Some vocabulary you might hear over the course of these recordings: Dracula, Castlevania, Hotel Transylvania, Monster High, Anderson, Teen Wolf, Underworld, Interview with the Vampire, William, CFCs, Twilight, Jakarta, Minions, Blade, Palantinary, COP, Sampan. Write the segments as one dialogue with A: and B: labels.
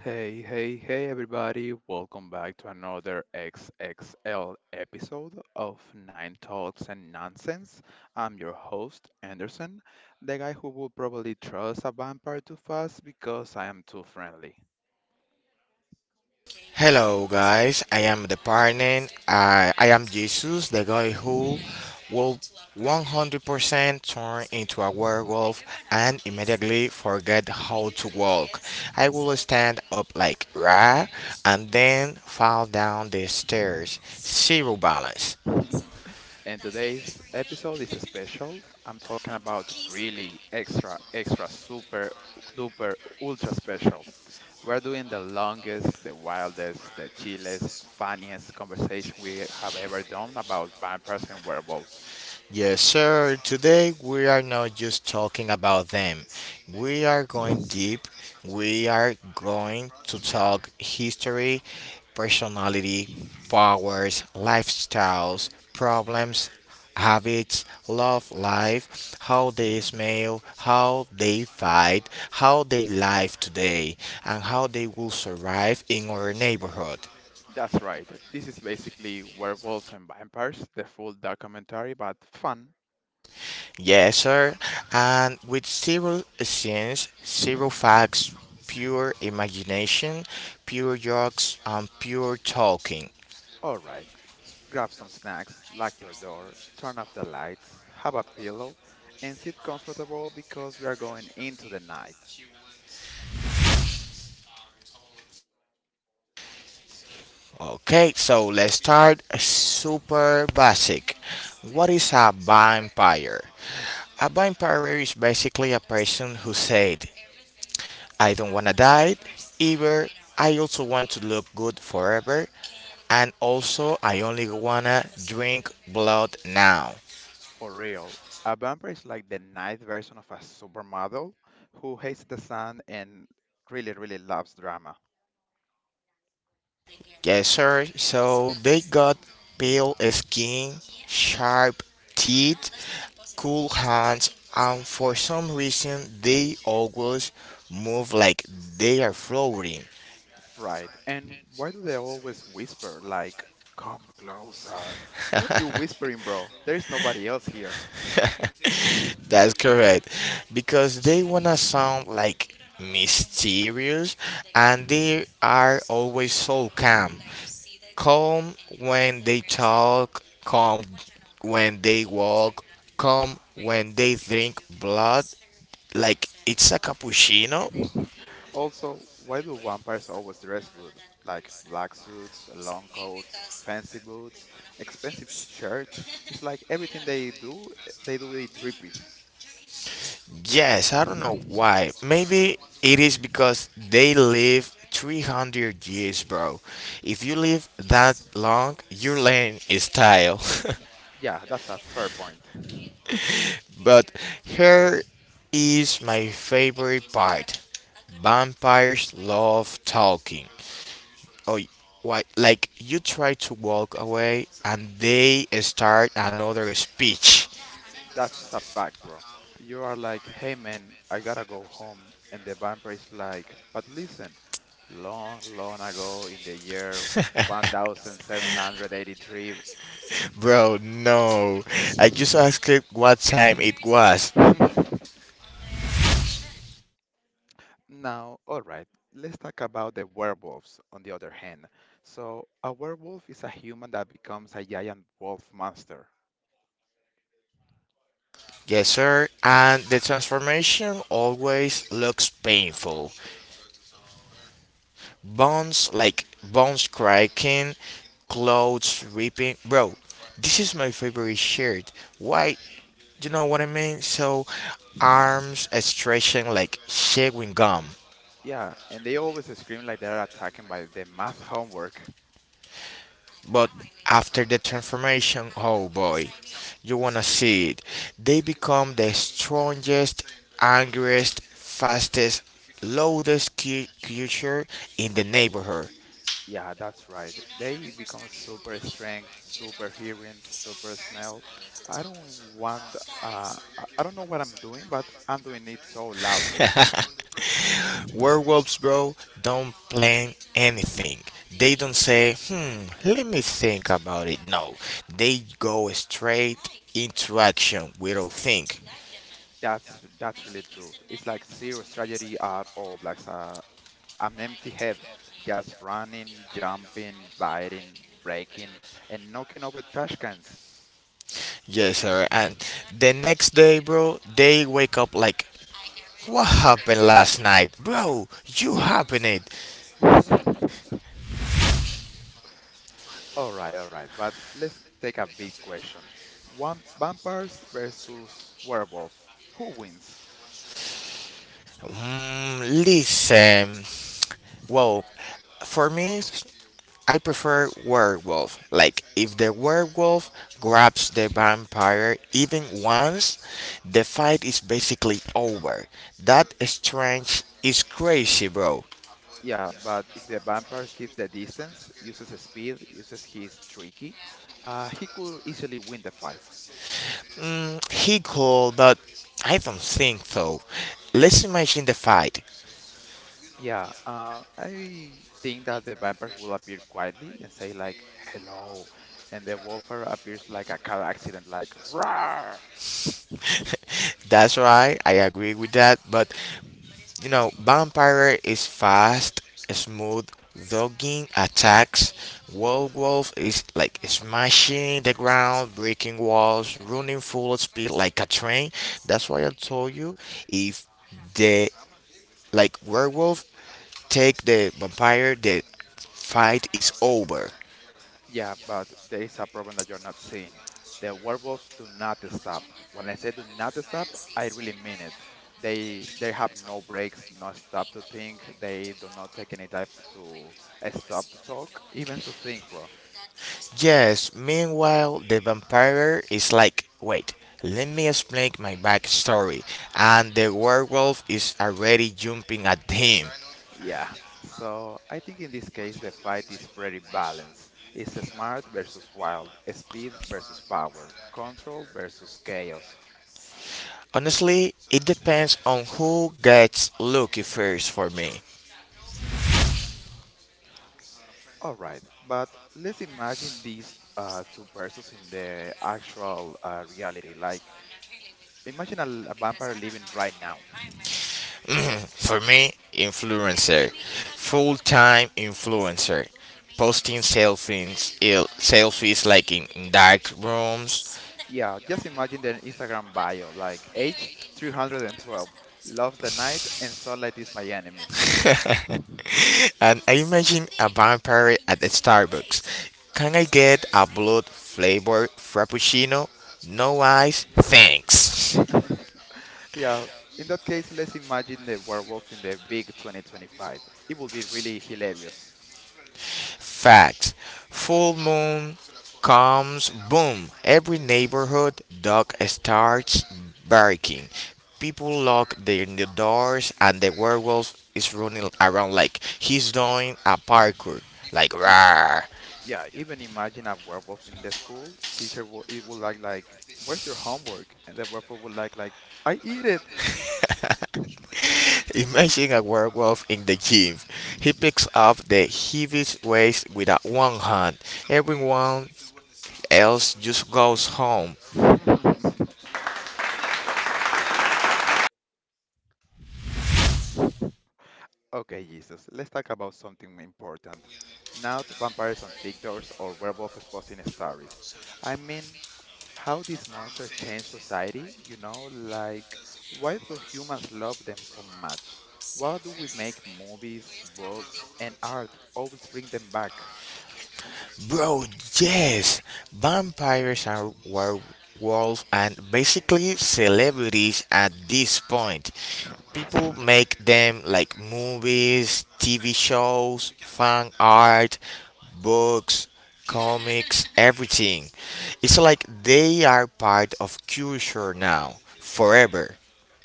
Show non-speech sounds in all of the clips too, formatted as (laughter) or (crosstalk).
A: Hey, hey, hey, everybody. Welcome back to another XXL episode of Nine Talks and Nonsense. I'm your host, Anderson, the guy who would probably trust a vampire too fast because I am too friendly.
B: Hello, guys. I am the partner. I am Jesus, the guy who will 100% turn into a werewolf and immediately forget how to walk. I will stand up like rah and then fall down the stairs. Zero balance.
A: (laughs) And today's episode is special. I'm talking about really extra, extra, super, duper, ultra special. We're doing the longest, the wildest, the chillest, funniest conversation we have ever done about vampires and werewolves.
B: Yes, sir. Today we are not just talking about them. We are going deep. We are going to talk history, personality, powers, lifestyles, problems, habits, love life, how they smell, how they fight, how they live today, and how they will survive in our neighborhood.
A: That's right. This is basically Werewolves and Vampires, the full documentary, but fun.
B: Yes, sir. And with zero scenes, zero facts, pure imagination, pure jokes, and pure talking.
A: All right. Grab some snacks, lock your door, turn off the lights, have a pillow, and sit comfortable because we are going into the night.
B: Okay, so let's start super basic. What is a vampire? A vampire is basically a person who said, I don't want to die, either I also want to look good forever, and also I only want to drink blood now.
A: For real, a vampire is like the night version of a supermodel who hates the sun and really, really loves drama.
B: Yes, sir. So they got pale skin, sharp teeth, cool hands, and for some reason they always move like they are floating.
A: Right. And why do they always whisper, like, come closer? Why are you whispering, bro? There is nobody else here.
B: (laughs) That's correct. Because they wanna sound like mysterious and they are always so calm. Calm when they talk, calm when they walk, calm when they drink blood, like it's a cappuccino.
A: Also, why do vampires always dress good? Like black suits, long coats, fancy boots, expensive shirts. It's like everything they do it drippy.
B: Yes, I don't know why. Maybe it is because they live 300 years, bro. If you live that long, your are is style.
A: Yeah, that's a fair point.
B: (laughs) But here is my favorite part. Vampires love talking. Oh, why? Like you try to walk away and they start another speech.
A: That's a fact, bro. You are like, hey man, I gotta go home. And the vampire is like, but listen, long, long ago in the year 1783.
B: Bro, no. I just asked it what time it was.
A: (laughs) Now, all right, let's talk about the werewolves on the other hand. So, a werewolf is a human that becomes a giant wolf monster.
B: Yes, sir. And the transformation always looks painful. Bones like bones cracking, clothes ripping. Bro, this is my favorite shirt. Why? You know what I mean? So, arms stretching like chewing gum,
A: Yeah, and they always scream like they're attacking by the math homework.
B: but after the transformation, oh boy, you wanna see it. They become the strongest, angriest, fastest, loudest creature in the neighborhood.
A: Yeah, that's right. They become super strength, super hearing, super smell. I don't want, I don't know what I'm doing, but I'm doing it so loudly.
B: (laughs) Werewolves, bro, don't plan anything. They don't say, hmm, let me think about it. No, they go straight into action without think.
A: That's really true. It's like zero strategy at all. Like I'm an empty head, just running, jumping, biting, breaking, and knocking over trash cans.
B: Yes, sir. And the next day, bro, they wake up like, what happened last night? Bro, you happened it.
A: (laughs) All right, all right. But let's take a big question. One vampires versus werewolf. Who wins?
B: Mm, listen. Well, for me, I prefer werewolf. Like, if the werewolf grabs the vampire even once, the fight is basically over. That strange is crazy, bro.
A: Yeah, but if the vampire keeps the distance, uses his speed, uses his tricky, he could easily win the fight.
B: He cool, but I don't think so. Let's imagine the fight.
A: Yeah, I think that the vampires will appear quietly and say like "hello," and the wolfer appears like a car accident, like "roar."
B: (laughs) That's right, I agree with that, but you know, vampire is fast, smooth, dogging attacks. Wolf is like smashing the ground, breaking walls, running full speed like a train. That's why I told you if the werewolf take the vampire, the fight is over.
A: Yeah, but there is a problem that you're not seeing. The werewolves do not stop. When I say do not stop, I really mean it. They have no breaks, no stop to think. They do not take any type of to a stop to talk, even to think, bro.
B: Yes, meanwhile, the vampire is like, wait, let me explain my backstory. And the werewolf is already jumping at him.
A: Yeah. So I think in this case the fight is pretty balanced. It's smart versus wild, speed versus power, control versus chaos.
B: Honestly, it depends on who gets lucky first for me.
A: All right, but let's imagine these two persons in the actual reality. Like, imagine a vampire living right now.
B: (clears throat) For me, influencer, full time influencer, posting selfies, selfies like in dark rooms.
A: Yeah, just imagine their Instagram bio, like age 312, loves the night, and sunlight is my enemy.
B: And I imagine a vampire at the Starbucks. Can I get a blood flavored frappuccino? No ice, thanks. (laughs)
A: (laughs) Yeah, in that case, let's imagine the werewolves in the big 2025. It would be really hilarious.
B: Facts. Full moon comes boom. Every neighborhood dog starts barking. People lock their doors and the werewolf is running around like he's doing a parkour. Like rah.
A: Yeah, even imagine a werewolf in the school. Teacher will like, "Where's your homework?" And the werewolf will like, "I eat it."
B: (laughs) Imagine a werewolf in the gym. He picks up the heaviest weights with a one hand. Everyone else just goes home.
A: (laughs) Okay, Jesus. Let's talk about something important. Not vampires on TikToks or werewolves posting stories. I mean, how these monsters change society, like why do humans love them so much? Why do we make movies, books, and art always bring them back?
B: Bro, yes, vampires are werewolves and basically celebrities at this point. People make them like movies, TV shows, fan art, books, comics, everything. It's like they are part of culture now, forever.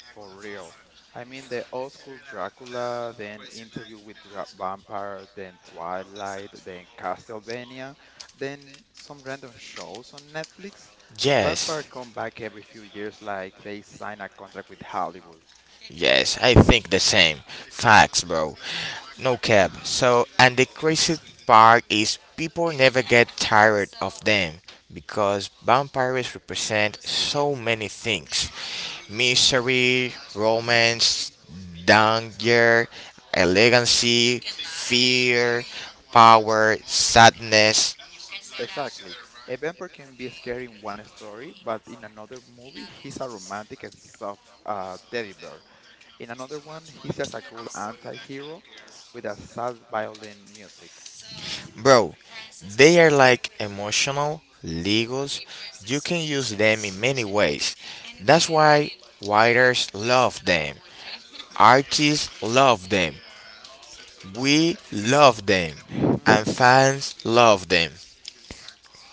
A: For real. I mean, the old school Dracula, then Interview with Dra Vampire, then Twilight, then Castlevania, then some random shows on Netflix. Vampire
B: Yes.
A: come back every few years like they sign a contract with Hollywood.
B: Yes, I think the same. Facts, bro. No cap. So, and the crazy part is people never get tired of them because vampires represent so many things: misery, romance, danger, elegancy, fear, power, sadness.
A: Exactly. A vampire can be scary in one story, but in another movie, he's a romantic and soft teddy bear. In another one, he's just a cool anti-hero with a sad violin music.
B: Bro, they are like emotional Legos. You can use them in many ways. That's why writers love them, artists love them, we love them, and
A: (laughs)
B: fans love them.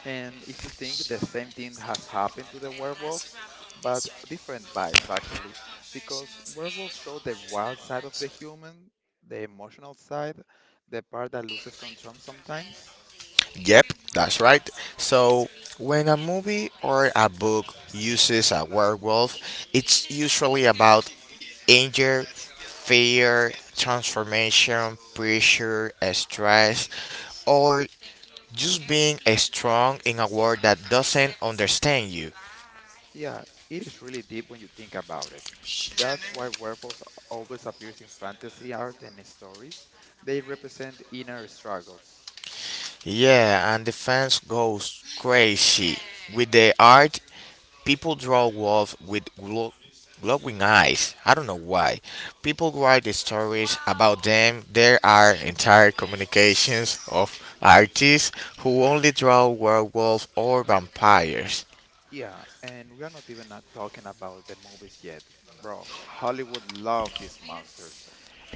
A: And if you think the same thing has happened to the werewolves, but different vibes actually, because werewolves show the wild side of the human, the emotional side, the part that loses control sometimes.
B: Yep, that's right. So, when a movie or a book uses a werewolf, it's usually about anger, fear, transformation, pressure, stress, or just being a strong in a world that doesn't understand you.
A: Yeah, it is really deep when you think about it. That's why werewolves always appears in fantasy art and stories. They represent inner struggles.
B: Yeah, and the fans goes crazy with the art. People draw wolf with glowing eyes. I don't know why. People write the stories about them. There are entire communications of artists who only draw werewolves or vampires.
A: Yeah, and we are not even talking about the movies yet. Bro, Hollywood love these monsters.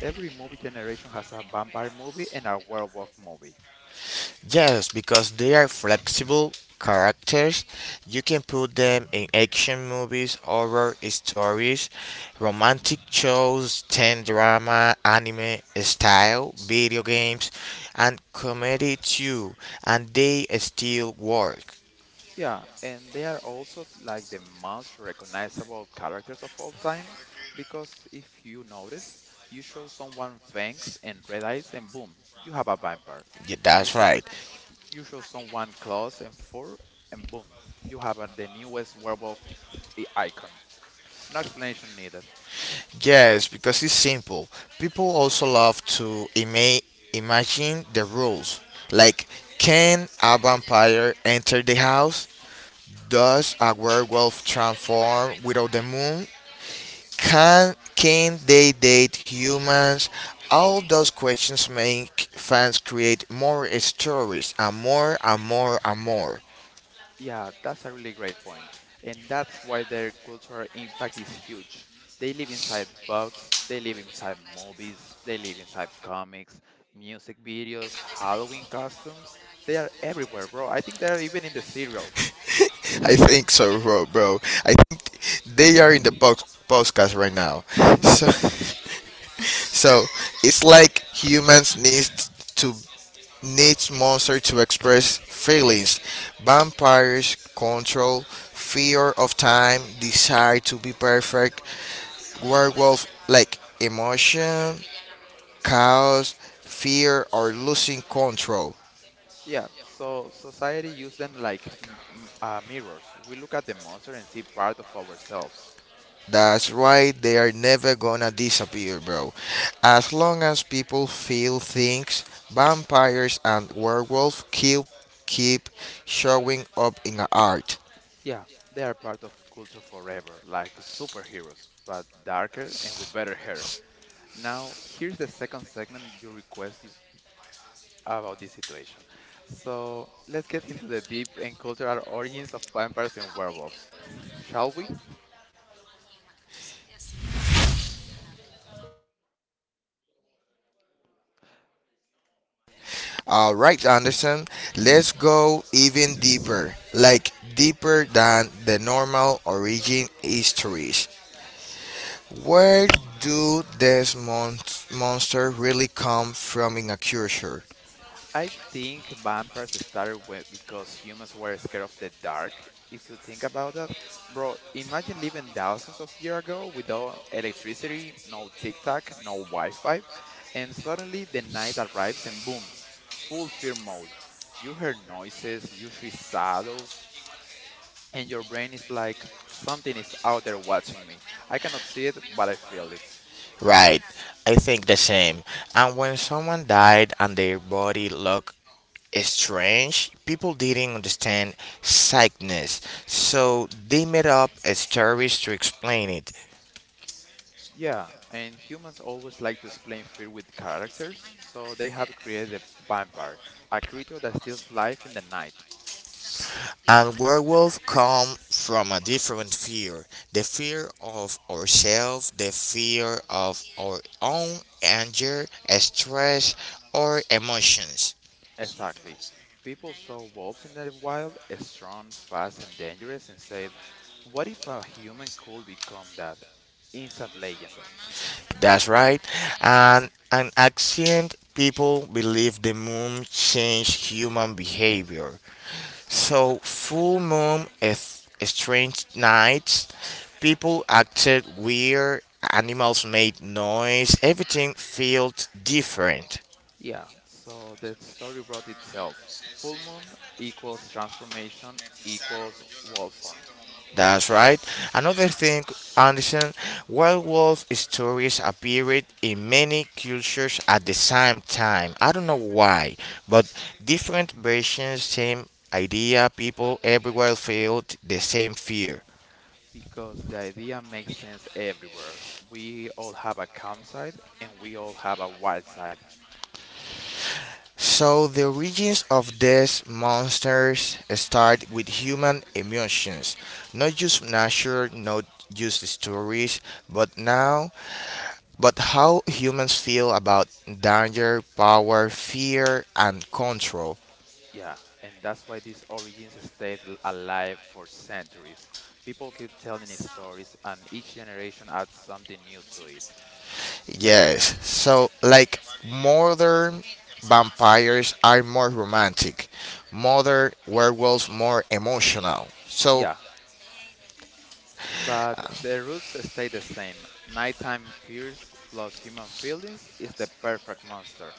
A: Every movie generation has a vampire movie and a werewolf movie.
B: Yes, because they are flexible characters. You can put them in action movies, horror stories, romantic shows, teen drama, anime style, video games, and comedy too. And they still work.
A: Yeah, and they are also like the most recognizable characters of all time because if you notice, you show someone fangs and red eyes and boom, you have a vampire.
B: Yeah,
A: You
B: that's
A: show
B: right.
A: you show someone claws and fur and boom, you have the newest werewolf icon. No explanation needed.
B: Yes, because it's simple. People also love to imagine the rules. Like, can a vampire enter the house? Does a werewolf transform without the moon? Can they date humans? All those questions make fans create more stories and more and more and more.
A: Yeah, that's a really great point. And that's why their cultural impact is huge. They live inside books, they live inside movies, they live inside comics, music videos, Halloween costumes. They are everywhere, bro. I think they are even in the cereal.
B: (laughs) I think so, bro. Bro. I think they are in the podcast right now. So,
A: (laughs)
B: (laughs) so it's like humans need to needs monsters to express feelings. Vampires control fear of time, desire to be perfect. Werewolf like emotion, chaos, fear, or losing control.
A: Yeah, so society use them like mirrors. We look at the monster and see part of ourselves.
B: That's right, they are never gonna disappear, bro. As long as people feel things, vampires and werewolf keep showing up in art.
A: Yeah, they are part of culture forever, like superheroes, but darker and with better hair. Now, here's the second segment you request is about this situation. So let's get into the deep and cultural origins of vampires and werewolves, shall we?
B: All right, Anderson, let's go even deeper, like deeper than the normal origin histories. Where do these monsters really come from in a culture?
A: I think vampires started because humans were scared of the dark. If you think about that, bro, imagine living thousands of years ago without electricity, no TikTok, no Wi-Fi, and suddenly the night arrives and boom, full fear mode. You hear noises, you see shadows, and your brain is like, something is out there watching me. I cannot see it, but I feel it.
B: Right, I think the same. And when someone died and their body looked strange, people didn't understand sickness, so they made up stories to explain it.
A: Yeah, and humans always like to explain fear with characters, so they have created a vampire, a creature that steals life in the night.
B: And werewolves come from a different fear, the fear of ourselves, the fear of our own anger, stress, or emotions.
A: Exactly. People saw wolves in the wild, as strong, fast, and dangerous, and said, what if a human could become that? Instant legend.
B: That's right. And an ancient people believe the moon changed human behavior. So full moon if strange nights, people acted weird, animals made noise, everything felt different.
A: Yeah, so the story wrote itself. Full moon equals transformation equals wolf form.
B: That's right. Another thing, Anderson, Wild Wolf stories appeared in many cultures at the same time. I don't know why, but different versions, same idea, people everywhere felt the same fear.
A: Because the idea makes sense everywhere. We all have a calm side and we all have a wild side.
B: So the origins of these monsters start with human emotions, not just nature, not just stories, but now but how humans feel about danger, power, fear, and control.
A: Yeah, and that's why these origins stayed alive for centuries. People keep telling these stories, and each generation adds something new to it.
B: Yes, so like modern vampires are more romantic, modern werewolves more emotional. So,
A: Yeah, but the roots stay the same. Nighttime fears plus human feelings is the perfect monster.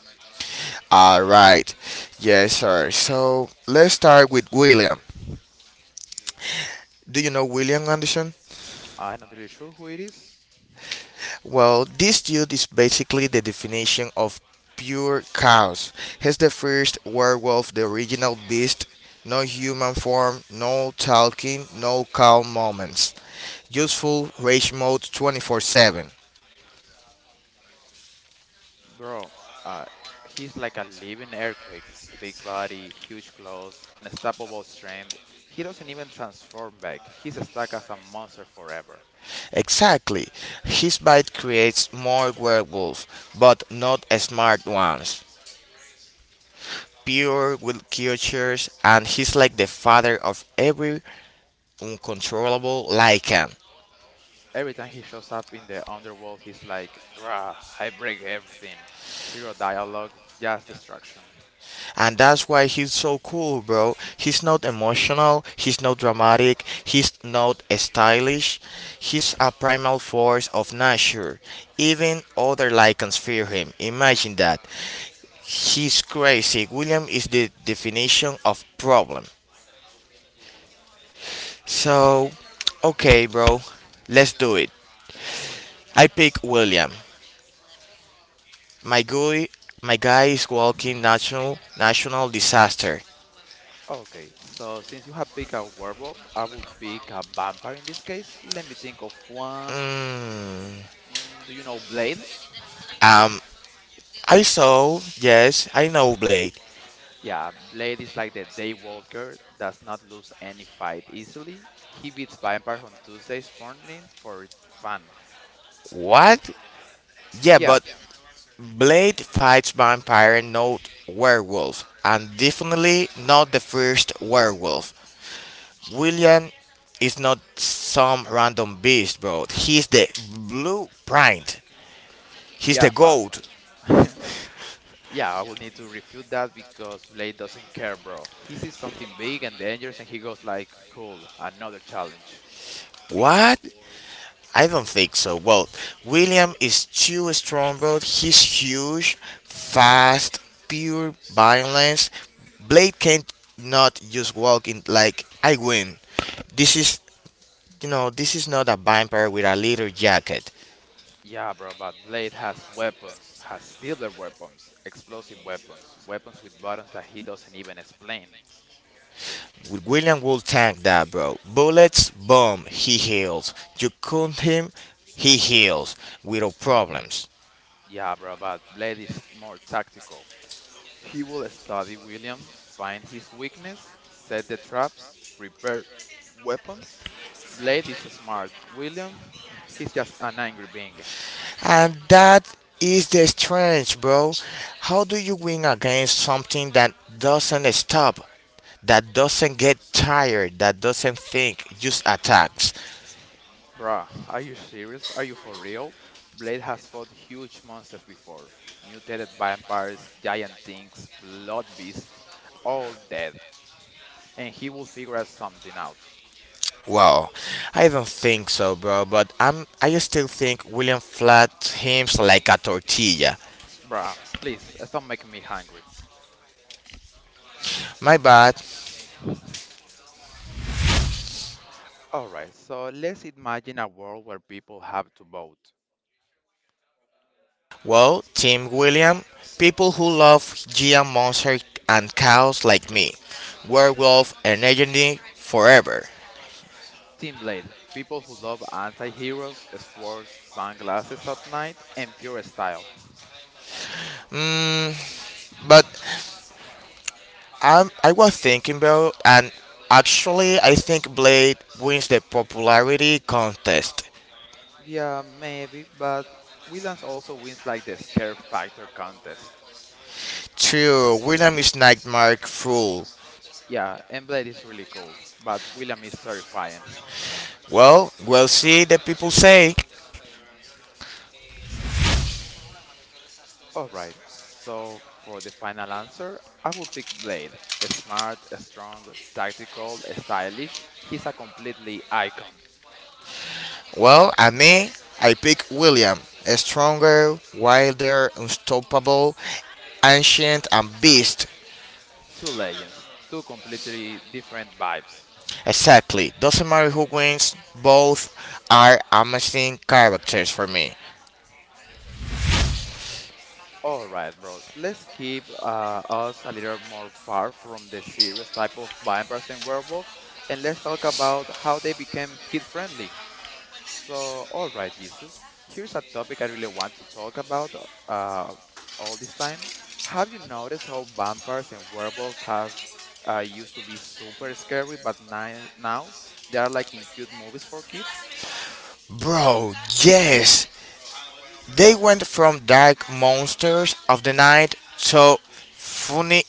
B: alright, yes, sir. So, let's start with William. Do you know William Anderson?
A: I'm not really sure who it is.
B: Well, this dude is basically the definition of pure chaos. He's the first werewolf, the original beast. No human form, no talking, no calm moments. Just full rage mode 24/7.
A: Bro, uh, he's like a living earthquake. Big body, huge claws, unstoppable strength. He doesn't even transform back. He's stuck as a monster forever.
B: Exactly. His bite creates more werewolves, but not smart ones. Pure with creatures, and he's like the father of every uncontrollable lycan.
A: Every time he shows up in the underworld, he's like, grah, I break everything. Zero dialogue, just destruction.
B: And that's why he's so cool, bro. He's not emotional, he's not dramatic, he's not stylish. He's a primal force of nature. Even other lichens fear him. Imagine that. He's crazy. William is the definition of problem. So, okay, bro, let's do it. I pick William. My guy, my guy is walking national disaster.
A: Okay, so since you have picked a werewolf, I will pick a vampire in this case. Let me think of one.
B: Mm,
A: Do you know Blade?
B: um, I saw, yes, I know Blade.
A: Yeah, Blade is like the Daywalker, does not lose any fight easily. He beats Vampire on Tuesdays morning for fun.
B: What? Yeah,
A: Yeah,
B: but Blade fights vampire, not werewolf, and definitely not the first werewolf. William is not some random beast, bro. He's the blueprint. He's the
A: yeah, but
B: goat.
A: (laughs) yeah, I will need to refute that because Blade doesn't care, bro. He sees something big and dangerous and he goes like, cool, another challenge.
B: What? I don't think so. Well, William is too strong, bro. He's huge, fast, pure violence. Blade can't not just walk in like I win. This is, you know, this is not a vampire with a leather jacket.
A: Yeah, bro, but Blade has weapons, has silver weapons, explosive weapons, weapons with buttons that he doesn't even explain.
B: William will tank that, bro. Bullets, boom. He heals. You cool him, he heals without problems.
A: Yeah, bro, but Blade is more tactical. He will study William, find his weakness, set the traps, prepare weapons. Blade is smart. William, he's just an angry being.
B: And that is the strange, bro. How do you win against something that doesn't stop, that doesn't get tired, that doesn't think, just attacks?
A: Bruh, are you serious? Are you for real? Blade has fought huge monsters before. Mutated vampires, giant things, blood beasts, all dead. And he will figure out something out.
B: Well, I don't think so, bro. But I still think William flat him's like a tortilla.
A: Bruh, please, stop making me hungry.
B: My bad.
A: Alright, so let's imagine a world where people have to vote.
B: Well, Team William, people who love Gia Monster and cows like me, werewolf and legendary forever.
A: Team Blade, people who love anti heroes, swords, sunglasses at night, and pure style.
B: Mm, but I was thinking, bro, and actually, I think Blade wins the popularity contest.
A: Yeah, maybe, but Williams also wins like the Scare Factor contest.
B: True, William is Nightmare Fool.
A: Yeah, and Blade is really cool, but William is terrifying.
B: Well, we'll see the people say.
A: Alright, so for the final answer, I will pick Blade. Smart, strong, tactical, stylish, he's a completely icon.
B: Well, and me, I pick William. A stronger, wilder, unstoppable, ancient, and beast.
A: Two legends, two completely different vibes.
B: Exactly. Doesn't matter who wins, both are amazing characters for me.
A: All right, bro. Let's keep us a little more far from the serious type of vampires and werewolves, and let's talk about how they became kid-friendly. So, all right, Jesus, here's a topic I really want to talk about uh, all this time. Have you noticed how vampires and werewolves have used to be super scary, but ni now they are like in cute movies for kids?
B: Bro, yes. They went from dark monsters of the night to funny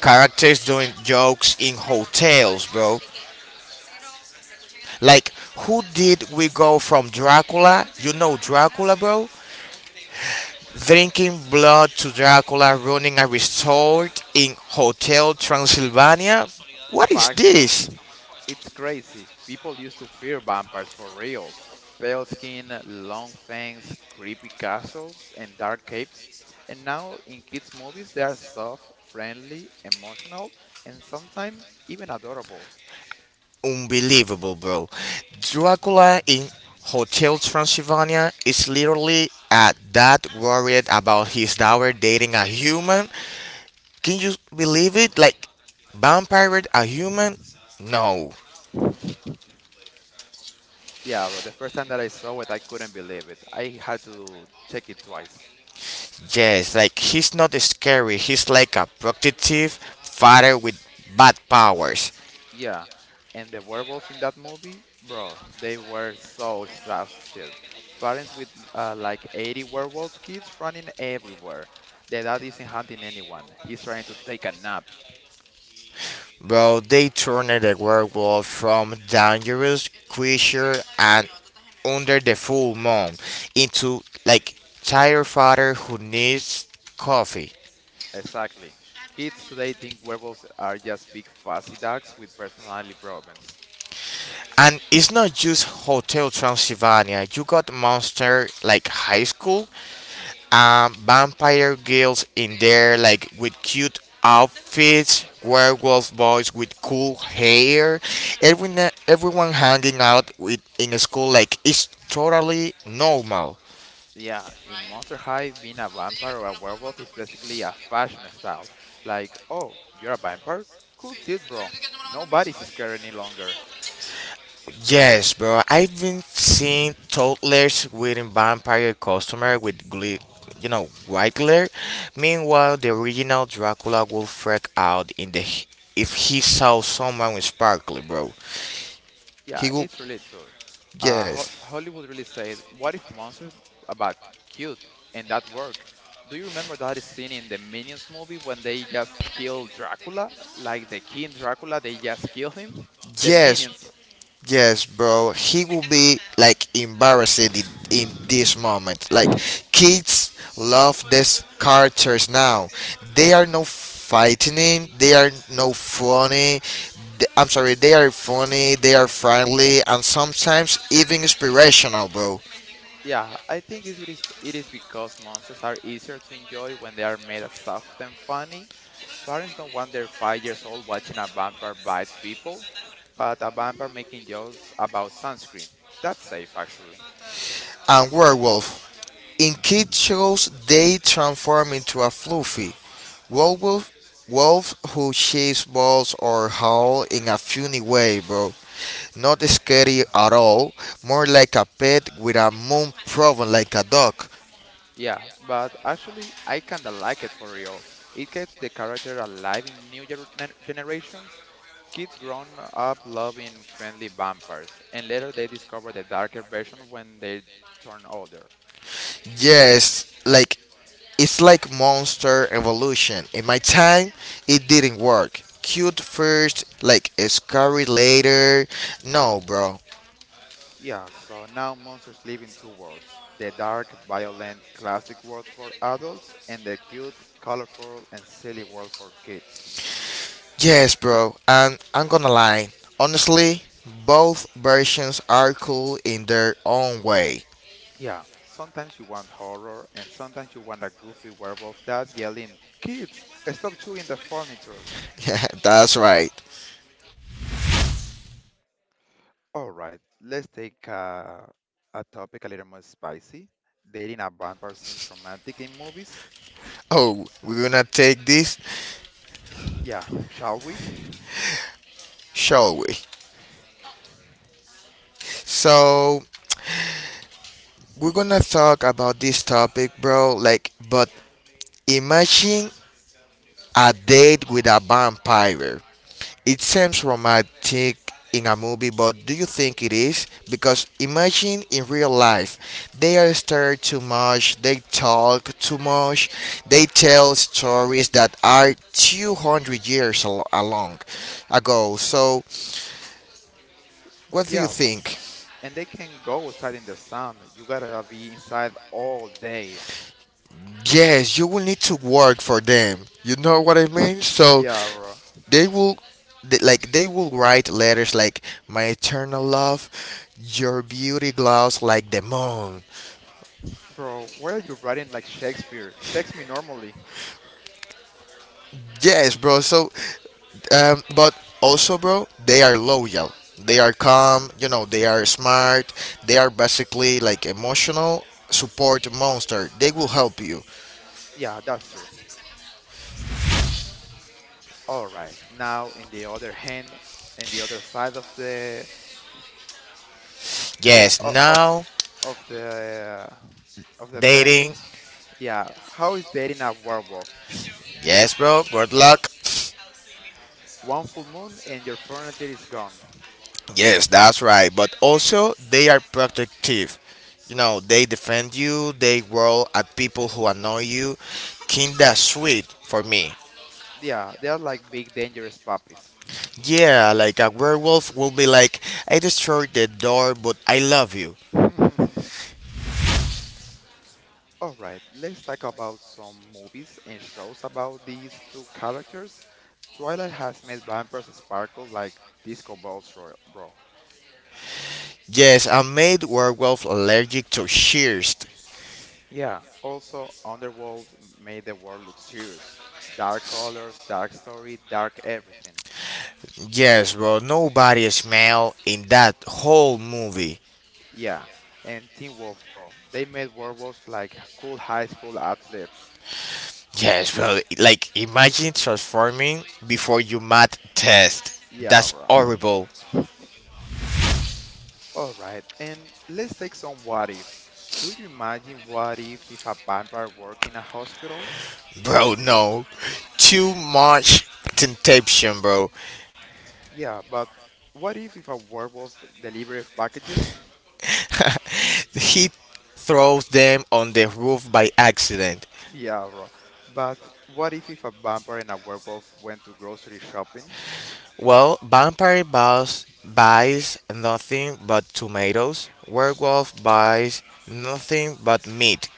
B: characters doing jokes in hotels, bro. Like, who did we go from Dracula? You know Dracula, bro? Drinking blood to Dracula, running a resort in Hotel Transylvania? What is
A: Facts, bro.
B: this?
A: It's crazy. People used to fear vampires for real. Pale skin, long fangs, creepy castles, and dark capes. And now in kids' movies, they are soft, friendly, emotional, and sometimes even adorable.
B: Unbelievable, bro. Dracula in Hotel Transylvania is literally a dad worried about his daughter dating a human. Can you believe it? Like, vampire, a human? No.
A: (laughs) Yeah, bro. The first time that I saw it, I couldn't believe it. I had to check it twice.
B: Yes, like, he's not scary. He's like a protective father with bad powers.
A: Yeah, and the werewolves in that movie, bro, they were so exhausted. Parents with like 80 werewolves kids running everywhere. The dad isn't hunting anyone. He's trying to take a nap.
B: Bro, they turned the werewolf from dangerous creature and under the full moon into like tired father who needs coffee.
A: Exactly. Kids today think werewolves are just big fuzzy ducks with personality problems.
B: And it's not just Hotel Transylvania. You got monster like high school, vampire girls in there like with cute outfits, werewolf boys with cool hair, everyone hanging out with in a school like it's totally normal.
A: Yeah, in Monster High, being a vampire or a werewolf is basically a fashion style. Like, oh, you're a vampire? Cool shit, bro. Nobody's scared any longer.
B: Yes, bro. I've been seeing toddlers waiting vampire customer with glee, you know, white glare. Meanwhile, the original Dracula will freak out in the if he saw someone with sparkly, bro. He
A: Yeah,
B: will.
A: it's really too. Ho
B: Yes,
A: Hollywood really said, "What if monsters about cute and that work?" Do you remember that scene in the Minions movie when they just kill Dracula, like the King Dracula? They just kill him. The
B: yes,
A: Minions.
B: Yes, bro. He will be like embarrassed in this moment. Like kids love these characters now. They are no fighting. They are no funny. I'm sorry. They are funny. They are friendly and sometimes even inspirational, bro.
A: Yeah, I think it is because monsters are easier to enjoy when they are made as soft and funny. Parents don't want their 5 years old watching a vampire bite people, but a vampire making jokes about sunscreen. That's safe, actually.
B: And werewolf. In kid shows, they transform into a fluffy werewolf. Wolf who shapes balls or howl in a funny way, bro. Not scary at all, more like a pet with a moon problem like a dog.
A: Yeah, but actually, I kinda like it for real. It keeps the character alive in new generations. Kids grown up loving friendly vampires, and later they discover the darker version when they turn older.
B: Yes, like it's like monster evolution. In my time, it didn't work. Cute first, like scary later. No, bro.
A: Yeah, so now monsters live in two worlds, the dark, violent, classic world for adults, and the cute, colorful, and silly world for kids.
B: Yes, bro. And I'm gonna lie. Honestly, both versions are cool in their own way. (laughs)
A: Yeah, sometimes you want horror, and sometimes you want a goofy werewolf dad yelling, kids, stop chewing the furniture.
B: Yeah, that's right.
A: All right, let's take a topic a little more spicy. Dating a vampire seems romantic in movies.
B: Oh, we're gonna take this,
A: Yeah, shall we?
B: shall we? So, we're gonna talk about this topic, bro. Like, but imagine a date with a vampire. It seems romantic in a movie, but do you think it is? Because imagine in real life, they are stirred too much, they talk too much, they tell stories that are 200 years along ago. So, what do you
A: Yeah, bro.
B: think?
A: And they can go outside in the sun. You gotta be inside all day.
B: Yes, you will need to work for them. You know what I mean? So,
A: Yeah, bro.
B: they will they they will write letters like, my eternal love, your beauty glows like the moon.
A: Bro, why are you writing like Shakespeare? Text me normally.
B: Yes, bro. So, um, but also, bro, they are loyal, they are calm, you know, they are smart, they are basically like emotional support monster. They will help you.
A: Yeah, that's true. All right. Now, in the other hand, in the other side of the
B: Yes,
A: o- o-
B: now
A: of the of the penny,
B: dating,
A: yeah, how is dating a werewolf?
B: yes, bro, good luck.
A: One full moon and your furniture is gone.
B: Yes, that's right. But also, they are protective. You know, they defend you, they growl at people who annoy you. Kinda sweet for me.
A: Yeah, they are like big dangerous puppies.
B: Yeah, like a werewolf will be like, I destroyed the door, but I love you.
A: (laughs) All right, let's talk about some movies and shows about these two characters. Twilight has made vampires sparkle like disco balls, bro.
B: Yes, I made werewolf allergic to shears.
A: Yeah, also Underworld made the world look serious. Dark colors, dark story, dark everything.
B: Yes, bro, nobody smell in that whole movie.
A: Yeah, and Teen Wolf, bro. They made werewolves like cool high school athletes.
B: Yes, bro, like imagine transforming before you mat test.
A: Yeah,
B: That's horrible.
A: all right, and let's take some what if. Do you imagine what if a vampire worked in a hospital?
B: Bro, no. Too much temptation, bro.
A: Yeah, but what if a werewolf delivered packages?
B: He throws them on the roof by accident.
A: Yeah, bro. But what if a vampire and a werewolf went to grocery shopping?
B: Well, vampire boss buys nothing but tomatoes. Werewolf buys nothing but meat.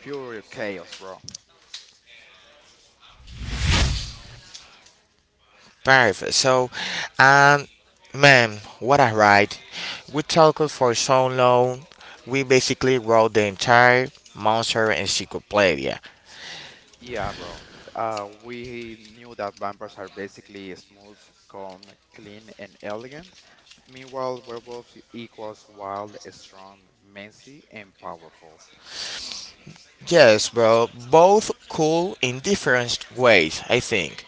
A: Pure chaos, bro.
B: Perfect. So, and man, what a ride. We talked for so long. We basically wrote the entire monster encyclopedia.
A: Yeah, bro. We knew that vampires are basically smooth, calm, clean, and elegant. Meanwhile, werewolves equals wild, strong, messy, and powerful.
B: Yes, bro. Both cool in different ways, I think.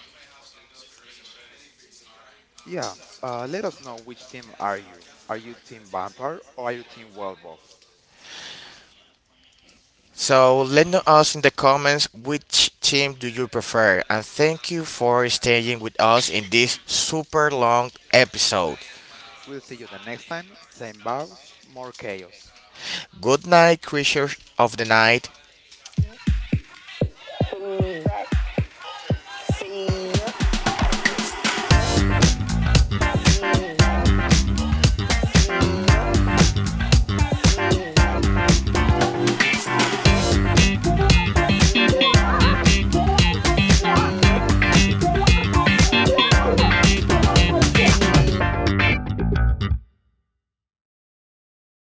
A: Yeah, let us know which team are you. Are you Team Vampire or are you Team Werewolf?
B: So let know us in the comments which team do you prefer and thank you for staying with us in this super long episode.
A: We'll see you the next time. Same bows, more chaos.
B: Good night, creatures of the night.